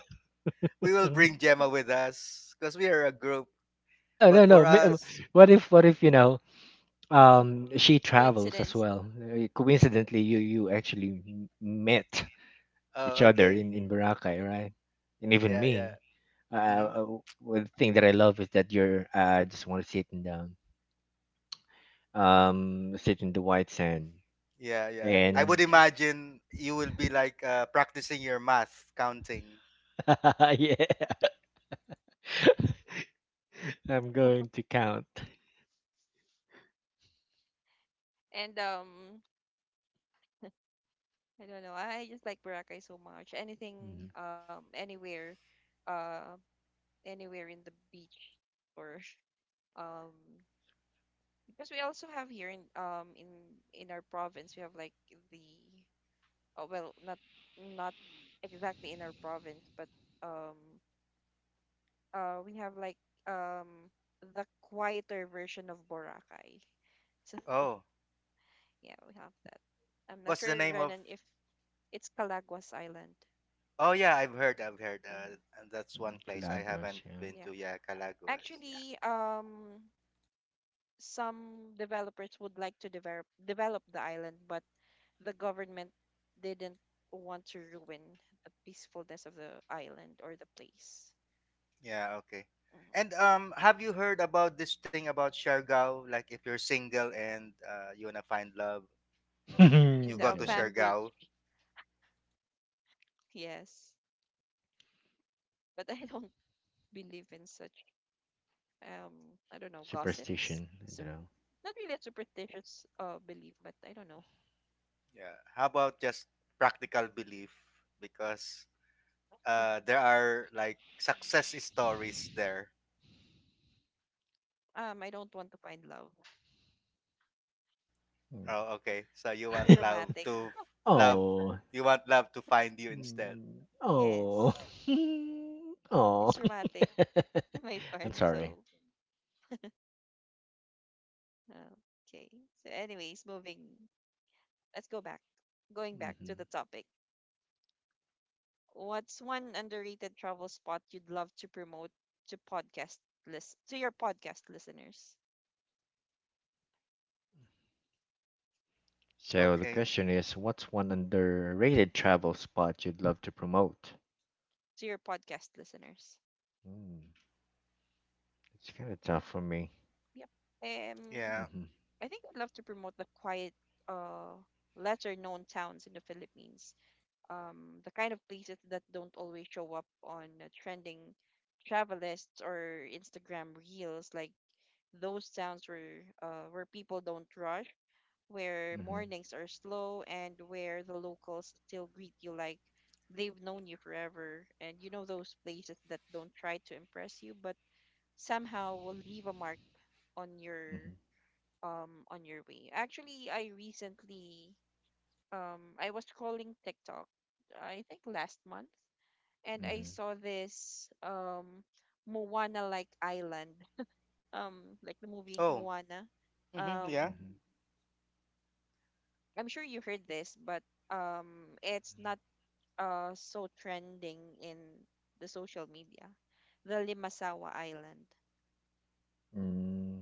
We will
No,
bring Gemma with us because we are a group.
no,
But for
no. Ma-
us,
what if, what if you know, she travels as
Coincidence.
well.
Mm-hmm.
Coincidentally, you actually m- met each
oh,
other
okay.
in Boracay, right? And even
Yeah. Yeah.
me, uh,
Mm-hmm.
uh, one thing that I love is that you're just want to sit in the um, sit in the white sand
Yeah. Yeah. I would
and
imagine you will be like practicing your math counting.
yeah, I'm going to count.
And I don't know. I just like Boracay so much. Anything,
Mhm.
anywhere, uh, anywhere in the beach or um because we also have here in in our province we have like the, oh well, not exactly in our province, but um we have like um the quieter version of Boracay. So
Oh,
yeah, we have that. I'm not
what's the
sure
name of?
Renan if it's Calaguas Island.
Oh yeah, I've heard. I've heard.
Hmm.
And that's
Mm,
one place I
Galagos,
haven't
yeah.
been
Yeah.
to. Yeah, Calaguas. Yeah.
Actually, some developers would like to develop the island, but the government didn't want to ruin the peacefulness of the island or the place.
Yeah. Okay.
Mhm.
And have you heard about this thing about Siargao? Like, if you're single and you wanna find love,
In
you
the
go to
yeah.
Afam
Siargao.
Bridge, yes. But I don't believe in such, I don't know, gossips.
Superstition, I don't know.
Not really a superstitious belief, but I don't know.
Yeah. How about just practical belief? Because there are like success stories there.
I don't want to find love.
Mm.
Oh, okay. So you
It's
want love
traumatic.
to love.
Oh.
You want love to find you instead.
Mm. Oh.
Yes,
oh.
it's traumatic my part.
I'm sorry.
So, uh, okay. So, anyways, moving. Let's go back. Going back to
Hmm.
the topic. What's one underrated travel spot you'd love to promote to podcast to your podcast listeners?
So the
Okay.
question is, what's one underrated travel spot you'd love to promote?
To your podcast listeners.
Mm, it's kind of tough for me.
Yep. Um
Yeah.
Mm-hmm,
I think I'd love to promote the quiet uh lesser known towns in the Philippines. The kind of places that don't always show up on trending travel lists or Instagram reels, like those towns where where people don't rush, where
mm-hmm,
mornings are slow, and where the locals still greet you like they've known you forever. And you know, those places that don't try to impress you, but somehow will leave a mark on
mm-hmm,
your on your way. Actually, I recently I was scrolling TikTok, I think last month, and I
mm-hmm,
saw this Moana like island, like the movie
Oh.
Moana.
Mm-hmm,
Um,
yeah.
I'm sure you heard this, but it's not so trending in the social media, the Limasawa Island.
mm-hmm. Mm,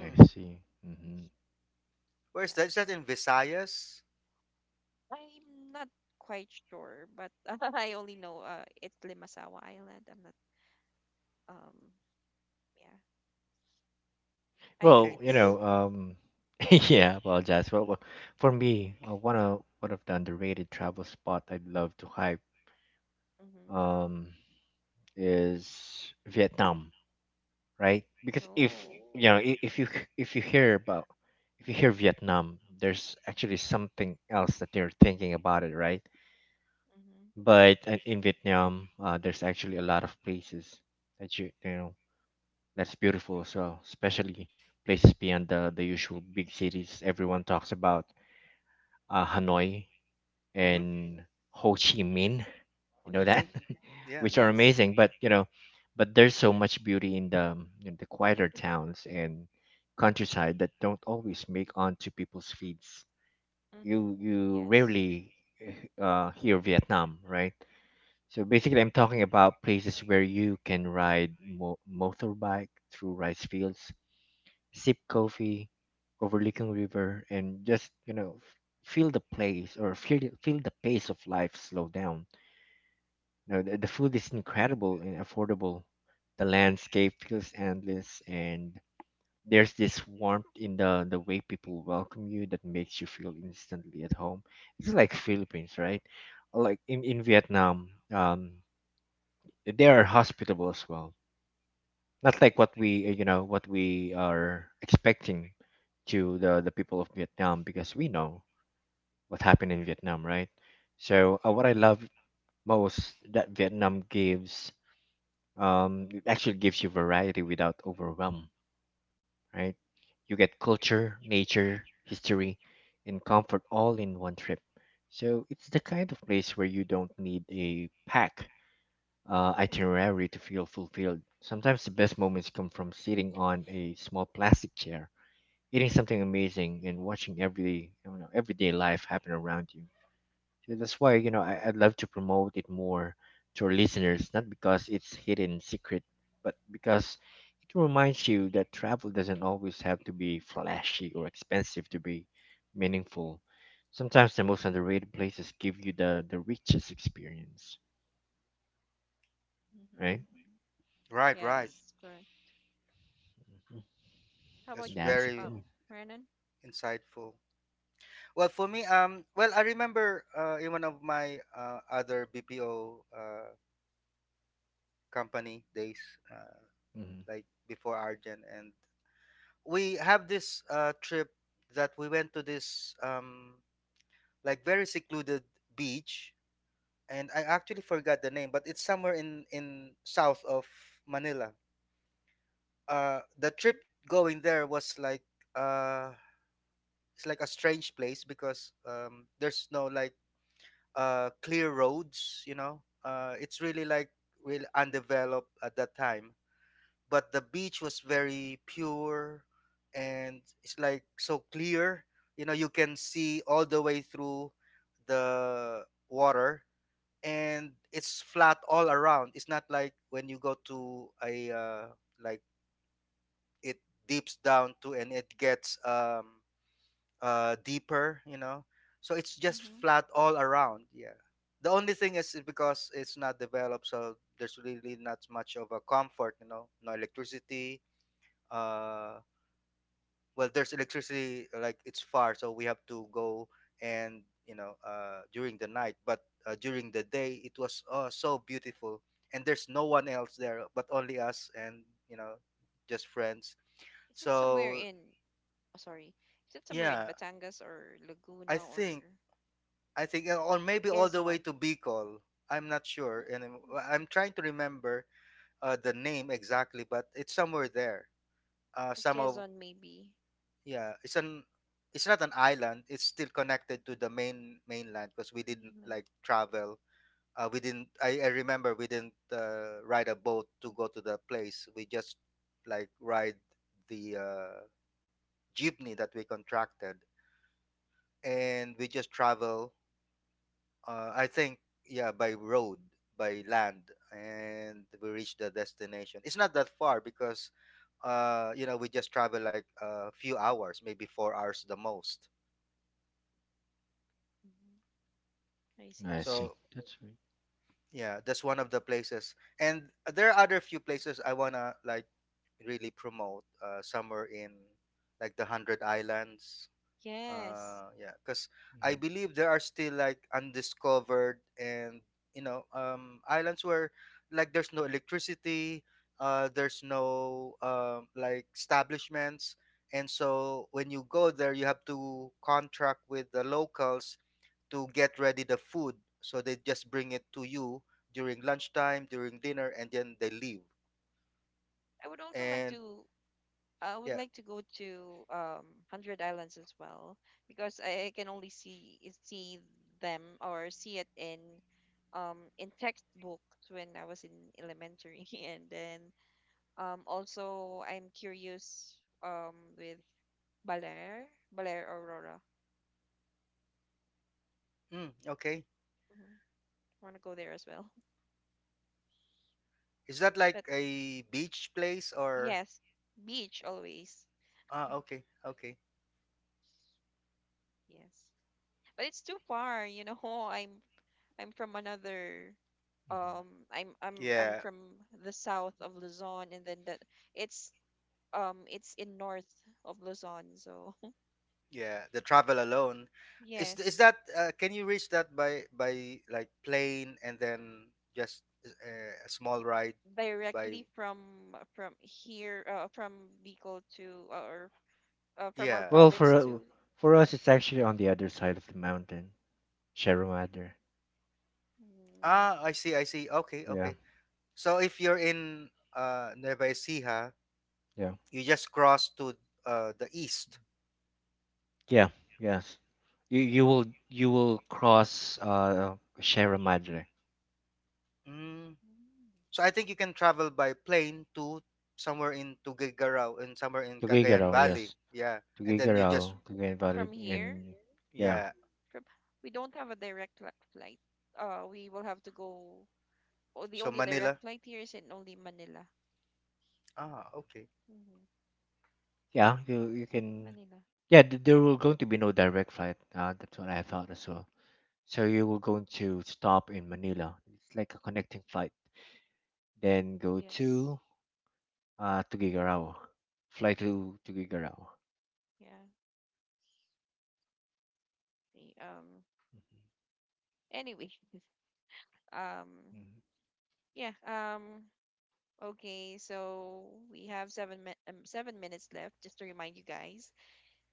I
Hmm.
see. Mm-hmm.
Where's
Yeah,
that? Is that in Visayas?
I'm not quite sure, but I only know it's Limasawa Island. I'm not um yeah. I think
Okay.
Well, you
it's
know, yeah, apologize. Well, well, for me, one of, one of the underrated travel spot I'd love to hype
mm-hmm.
um, is Vietnam. Right? Because if
Oh,
you know, I- if you h- if you hear about, if you hear Vietnam, there's actually something else that they're thinking about it, right?
mm-hmm.
But in Vietnam, there's actually a lot of places that you know that's beautiful as well, especially places beyond the usual big cities everyone talks about, Hanoi
Mm-hmm.
and Ho Chi Minh.
Ho
You know
Chi
that.
Okay.
Minh.
Yeah.
Which are
Yes.
amazing but you know, but there's so much beauty in the quieter towns and countryside that don't always make onto people's feeds,
Mm-hmm.
you
Yes.
rarely hear Vietnam, right? So basically, I'm talking about places where you can ride mo- motorbike through rice fields, sip coffee, overlooking river, and just you know f- feel the place or feel the pace of life slow down, no, the food is incredible and affordable. The landscape feels endless, and there's this warmth in the way people welcome you that makes you feel instantly at home. It's like Philippines, right? Like in Vietnam, they are hospitable as well. Not like what we you know what we are expecting to the people of Vietnam because we know what happened in Vietnam, right? So what I love most that Vietnam gives, um, it actually gives you variety without overwhelm, right? You get culture, nature, history, and comfort all in one trip. So it's the kind of place where you don't need a pack itinerary to feel fulfilled. Sometimes the best moments come from sitting on a small plastic chair, eating something amazing, and watching every, you know, everyday life happen around you. And that's why, you know, I, I'd love to promote it more to our listeners, not because it's hidden secret, but because it reminds you that travel doesn't always have to be flashy or expensive to be meaningful. Sometimes the most underrated places give you the richest experience,
Mm-hmm.
right?
Right. Right.
Yes. Correct.
Mhm.
How
That's
about you,
That's it for
very
me.
Brandon?
insightful. Well, for me, well, I remember in one of my other BPO company days, uh,
Hmm.
like before Argent, and we have this trip that we went to this like very secluded beach, and I actually forgot the name, but it's somewhere in south of Manila. Uh, the trip going there was like uh it's like a strange place because there's no like clear roads, you know, it's really like really undeveloped at that time, but the beach was very pure, and it's like so clear, you know, you can see all the way through the water, and it's flat all around. It's not like when you go to a like it deeps down to, and it gets deeper, you know, so it's just
Mm-hmm.
flat all around. Yeah, the only thing is because it's not developed, so there's really not much of a comfort, you know, no electricity. uh well, there's electricity, like it's far, so we have to go, and you know, during the night. But during the day it was so beautiful, and there's no one else there but only us, and you know, just friends.
Is it somewhere
So
in? Oh, sorry. Is it somewhere in
yeah,
Batangas or
I
Laguna or?
think, I think or maybe all the way
Quezon.
to Bicol. I'm not sure, and I'm,
Mm,
well, I'm trying to remember the name exactly, but it's somewhere there.
or
Some of,
Quezon, maybe.
yeah, it's an, it's not an island. It's still connected to the main mainland, because we didn't
Mainland.
like travel. We didn't. I remember we didn't ride a boat to go to the place. We just like ride the jeepney that we contracted, and we just travel I think yeah, by road, by land, and we reached the destination. It's not that far because you know, we just travel like a few hours, maybe 4 hours the most.
Mhm. I see.
I see.
So
That's right.
yeah, that's one of the places, and there are other few places I wanna like really promote. Somewhere in like the Hundred Islands,
Yes.
yeah, because I
Hmm.
believe there are still like undiscovered and you know islands where like there's no electricity, there's no like establishments, and so when you go there you have to contract with the locals to get ready the food, so they just bring it to you during lunchtime, during dinner, and then they leave.
I would also like
And
to. I would
yeah.
like to go to Hundred Islands as well because I can only see them or see it in textbooks when I was in elementary, and then also I'm curious with Baler, Baler Aurora.
Mm, okay.
Hmm. I want to go there as well,
Is that like
but
a beach place or?
yes, beach always.
Ah, okay, okay.
Yes. But it's too far, you know. I'm I'm from another
Hmm.
um I'm I'm I'm
Yeah,
from the south of Luzon, and then that it's it's in north of Luzon, so
yeah. The travel alone is
yes.
that can you reach that by like plane and then just a small ride by,
Directly from here from Bicol to or from our
yeah.
Well,
province to
for us, it's actually on the other side of the mountain, Sierra Madre.
mm, yeah.
Ah, I see, I see. Okay,
Yeah,
okay. So if you're in Nueva Ecija,
yeah.
you just cross to the east.
Yeah, yes. You will, you will cross Sierra Madre.
Mm.
Mm.
So I think you can travel by plane to somewhere in Tuguegarao and somewhere in Cagayan
Tugigaraw, yes.
Valley. Yeah. And then you
Tugigaraw,
just,
Tugayan Valley
From
and
here
yeah.
yeah.
from We don't have a flight. Uh, we will have to go, oh, the
So
only direct
Manila.
flight here is in only Manila.
Ah, okay.
Hmm.
Yeah, you can
Manila.
yeah, th- there will going to be no direct flight. That's what I
Hmm.
thought as well. So you will going to stop in Manila. It's like a connecting flight. Then go
Yes.
to Tugigaraw. Fly to Tugigaraw.
Yeah. The. Anyway. Um.
Mhm, mhm,
Yeah. Okay. So we have 7 minutes left. Just to remind you guys.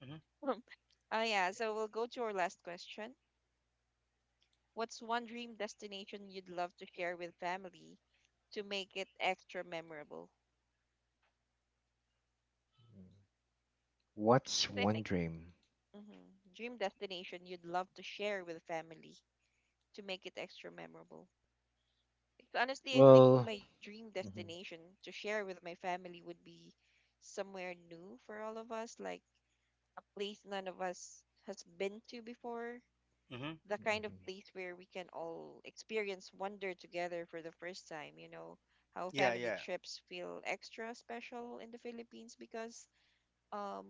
Mm-hmm.
Yeah. So we'll go to our last question. What's one dream destination you'd love to share with family to make it extra memorable?
mhm. What's
But I
one
think
dream?
hmm, dream destination you'd love to share with family to make it extra memorable. Like, honestly, I think
Well,
my dream
mhm,
destination to share with my family would be somewhere new for all of us, like a place none of us has been to before,
Mm-hmm.
the kind of
mhm.
place where we can all experience wonder together for the first time, you know, how
Yeah,
family
yeah.
trips feel extra special in the Philippines because um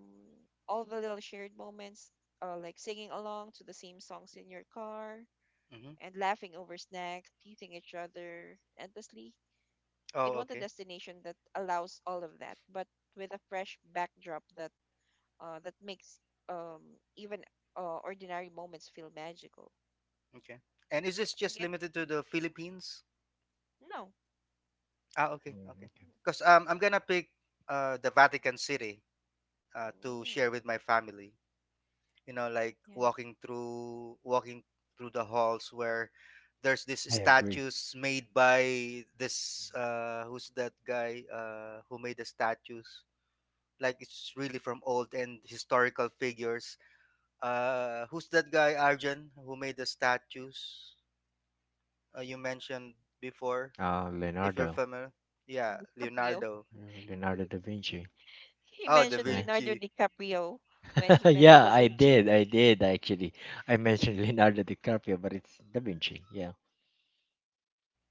all the little shared moments, like singing along to the same songs in your car
Mm-hmm.
and laughing over snacks, teasing each other endlessly. I'd
Oh,
want a
okay,
destination that allows all of that, but with a fresh backdrop that that makes, um, even ordinary moments feel magical.
okay. And is
Yeah.
this just
Again,
limited to the Philippines?
no.
Ah, okay,
Mm,
okay.
okay.
Because I'm gonna pick the Vatican City to
Mm,
share with my family. You know, like
yeah.
walking through the halls where there's this
I agree.
statues made by this who's that guy who made the statues? Like it's really from old and historical figures. Who's that guy, Arjan, who made the statues? You mentioned before, if you're
Leonardo,
familiar. Yeah,
Caprio.
Leonardo.
Leonardo da Vinci,
He
Oh, Da
mentioned
right?
Leonardo
Vinci.
DiCaprio when he meant
Yeah,
Da
I
Vinci.
did. I did actually. I mentioned Leonardo DiCaprio, but it's da Vinci. Yeah,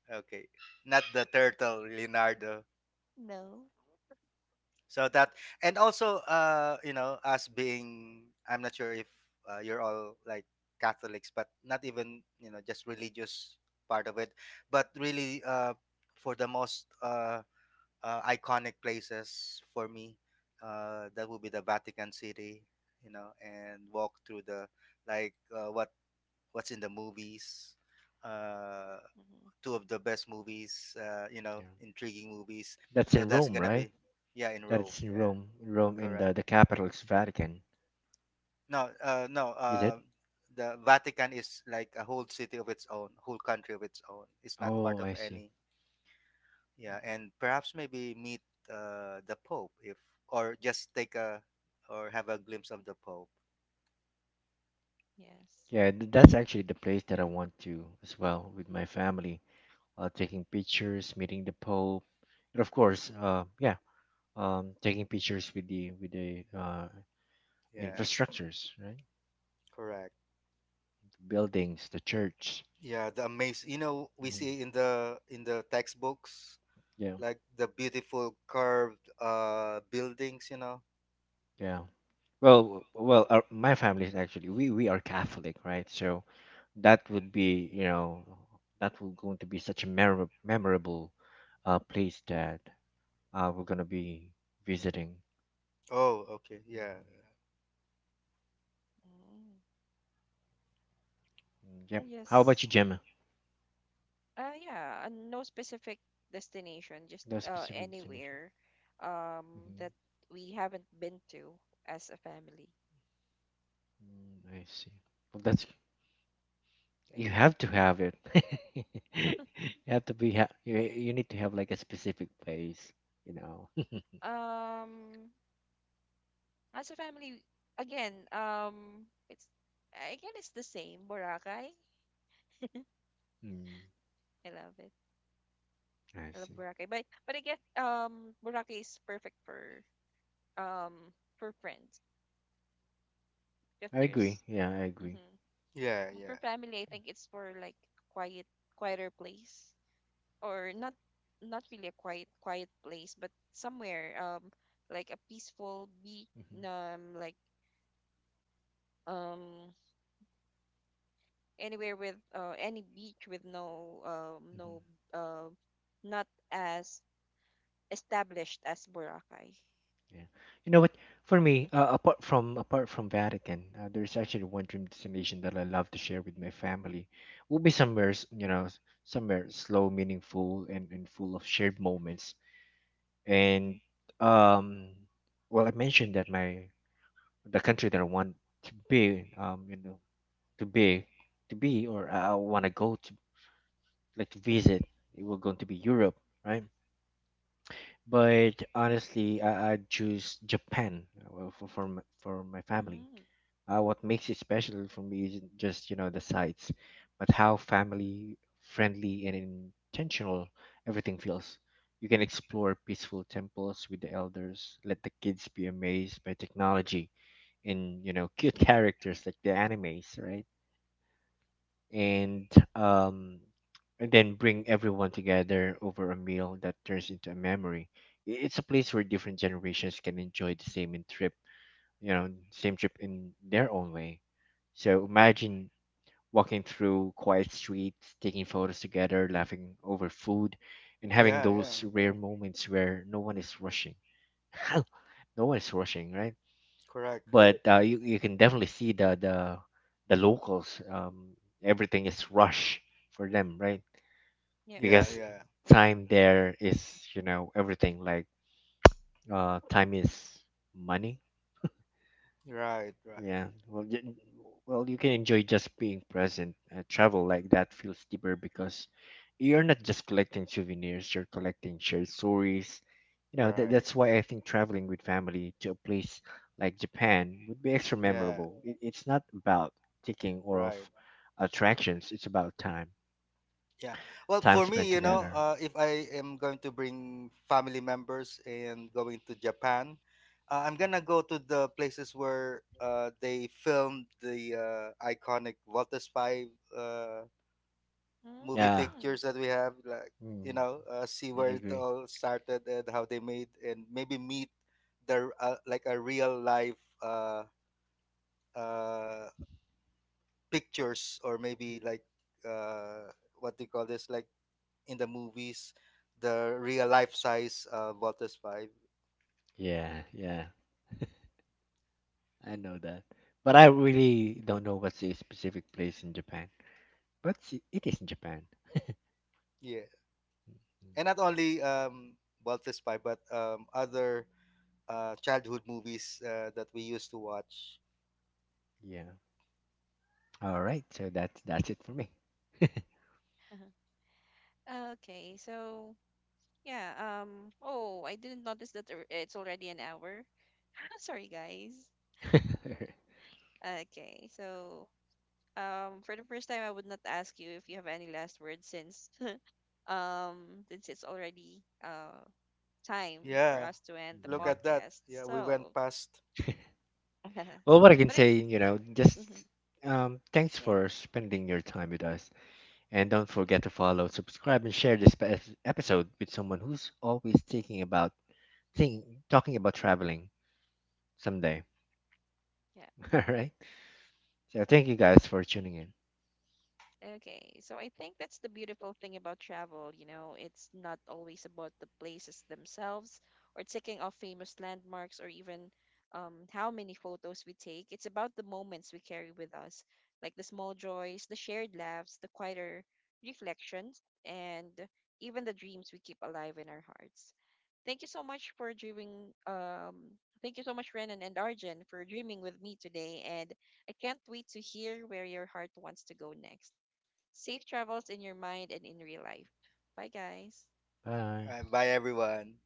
Okay, not the turtle, Leonardo.
No.
So that, and also, you know, us being, I'm not sure if you're all like Catholics, but not even, you know, just religious part of it, but really, for the most iconic places for me, that would be the Vatican City, you know, and walk through the like what what's in the movies, uh,
Mhm.
two of the best movies, you know,
yeah.
intriguing movies.
That's
So
in
that's
Rome,
gonna
right?
be, yeah, in Rome.
That's in
Yeah,
Rome. Rome, in the
correct.
the capital is Vatican.
No, uh, no.
Is it?
Uh, The Vatican is like a whole city of its own, whole country of its own. It's not part
Oh,
of
I see.
any. Yeah, and perhaps maybe meet the Pope, if, or just take a, or have a glimpse of the Pope.
Yes.
Yeah, that's actually the place that I want to as well with my family. Taking pictures, meeting the Pope, and of course, yeah, taking pictures with the with the
Yeah,
infrastructures, right?
correct.
The buildings, the church.
Yeah, the amazing. You know, we
Mm,
see in the textbooks
Yeah,
like the beautiful curved buildings, you know.
yeah. Well, well, my family is actually we are Catholic, right? So that would be, you know, that would going to be such a memorable place that we're gonna be visiting.
Oh, okay. Yeah.
Mhm.
Mm.
Mm, yep. How
Yes.
about you, Gemma?
Yeah. No specific destination, just
No specific destination.
anywhere um, that
Hmm
we haven't been to as a family.
Mm, I see. Well, that's, you have to
Yep.
have it. You have to you, you need to have like a specific place, you know.
Um, as a family, again, it's again it's the same Boracay.
Mm,
I love it.
I
I love
see.
Boracay, but again, Boracay is perfect um for friends because
I
there's
agree. Yeah, I agree.
mm-hmm.
Yeah,
For
yeah.
family, I think it's for like a quiet, quieter place or not, not really a quiet quiet place, but somewhere like a peaceful beach,
Hmm
um like um anywhere with any beach with
hmm
no uh, not as established as Boracay.
Yeah. You know what? For me,
Mm-hmm.
apart from Vatican, there's actually one dream destination that I love to share with my family. Will be somewhere, you know, somewhere slow, meaningful, and, full of shared moments.
Mm-hmm.
And um, well, I mentioned that my the country that I want to be, you know, to be, to be, or I want to go to, like, to visit. It will going to be Europe, right? But honestly, I choose Japan. Well, for my family.
Mm,
What makes it special for me isn't just, you know, the sights, but how family friendly and intentional everything feels. You can explore peaceful temples with the elders, let the kids be amazed by technology and, you know, cute characters like the animes, right? And um, and then bring everyone together over a meal that turns into a memory. It's a place where different generations can enjoy the same in trip, you know, same trip in their own way. So imagine walking through quiet streets, taking photos together, laughing over food, and having
Yeah, yeah.
those rare moments where no one is rushing. No one is rushing, right?
Correct, correct.
But you, you can definitely see the the locals. Everything is rush for them, right?
yep.
Yeah,
Because
yeah.
time there is, you know, everything, like, time is money.
Right, right.
Yeah. Well, well, you can enjoy just being present. Travel like that feels deeper because you're not just collecting souvenirs, you're collecting shared stories. You know,
Right.
that's why I think traveling with family to a place like Japan would be extra
Yeah,
memorable. It's not about ticking or
right.
of attractions, it's about time,
Yeah. Well,
time
for me,
spent
you know,
together.
if I am going to bring family members and going to Japan, I'm going
Mhm.
to go to the places where they filmed the iconic Lotus 5 uh movie
Yeah.
Mm.
pictures that we have, like, you
Mm,
know, see
I
where it
agree.
all started and how they made, and maybe meet the like a real life uh, uh, pictures, or maybe like uh, what they call this, like in the movies, the real life size Voltes Five.
Yeah, yeah. I know that. But I really don't know what's a specific place in Japan. But it is Japan.
Yeah,
Mm,
and not only Voltes Five, but other childhood movies that we used to watch.
yeah. All right. So that's it for me.
Okay, so yeah, oh, I didn't notice that there- it's already an hour. Sorry, guys. Okay, so for the first time I would not ask you if you have any last words since since it's already time for
Yeah,
us to end the
look
Yeah.
at that.
podcast.
Yeah, we went
So,
past.
Well, what I can
but it's
say, you know,
mhm,
just thanks
yeah,
for spending your time with us. And don't forget to follow, subscribe, and share this episode with someone who's always thinking about think, talking about traveling someday.
yeah.
All right. So thank you guys for tuning in.
Okay, so I think that's the beautiful thing about travel, you know, it's not always about the places themselves or ticking off famous landmarks or even, how many photos we take. It's about the moments we carry with us, like the small joys, the shared laughs, the quieter reflections, and even the dreams we keep alive in our hearts. Thank you so much for dreaming. Thank you so much, Renan and Arjun, for dreaming with me today, and I can't wait to hear where your heart wants to go next. Safe travels in your mind and in real life. Bye, guys.
Bye.
All right, bye everyone.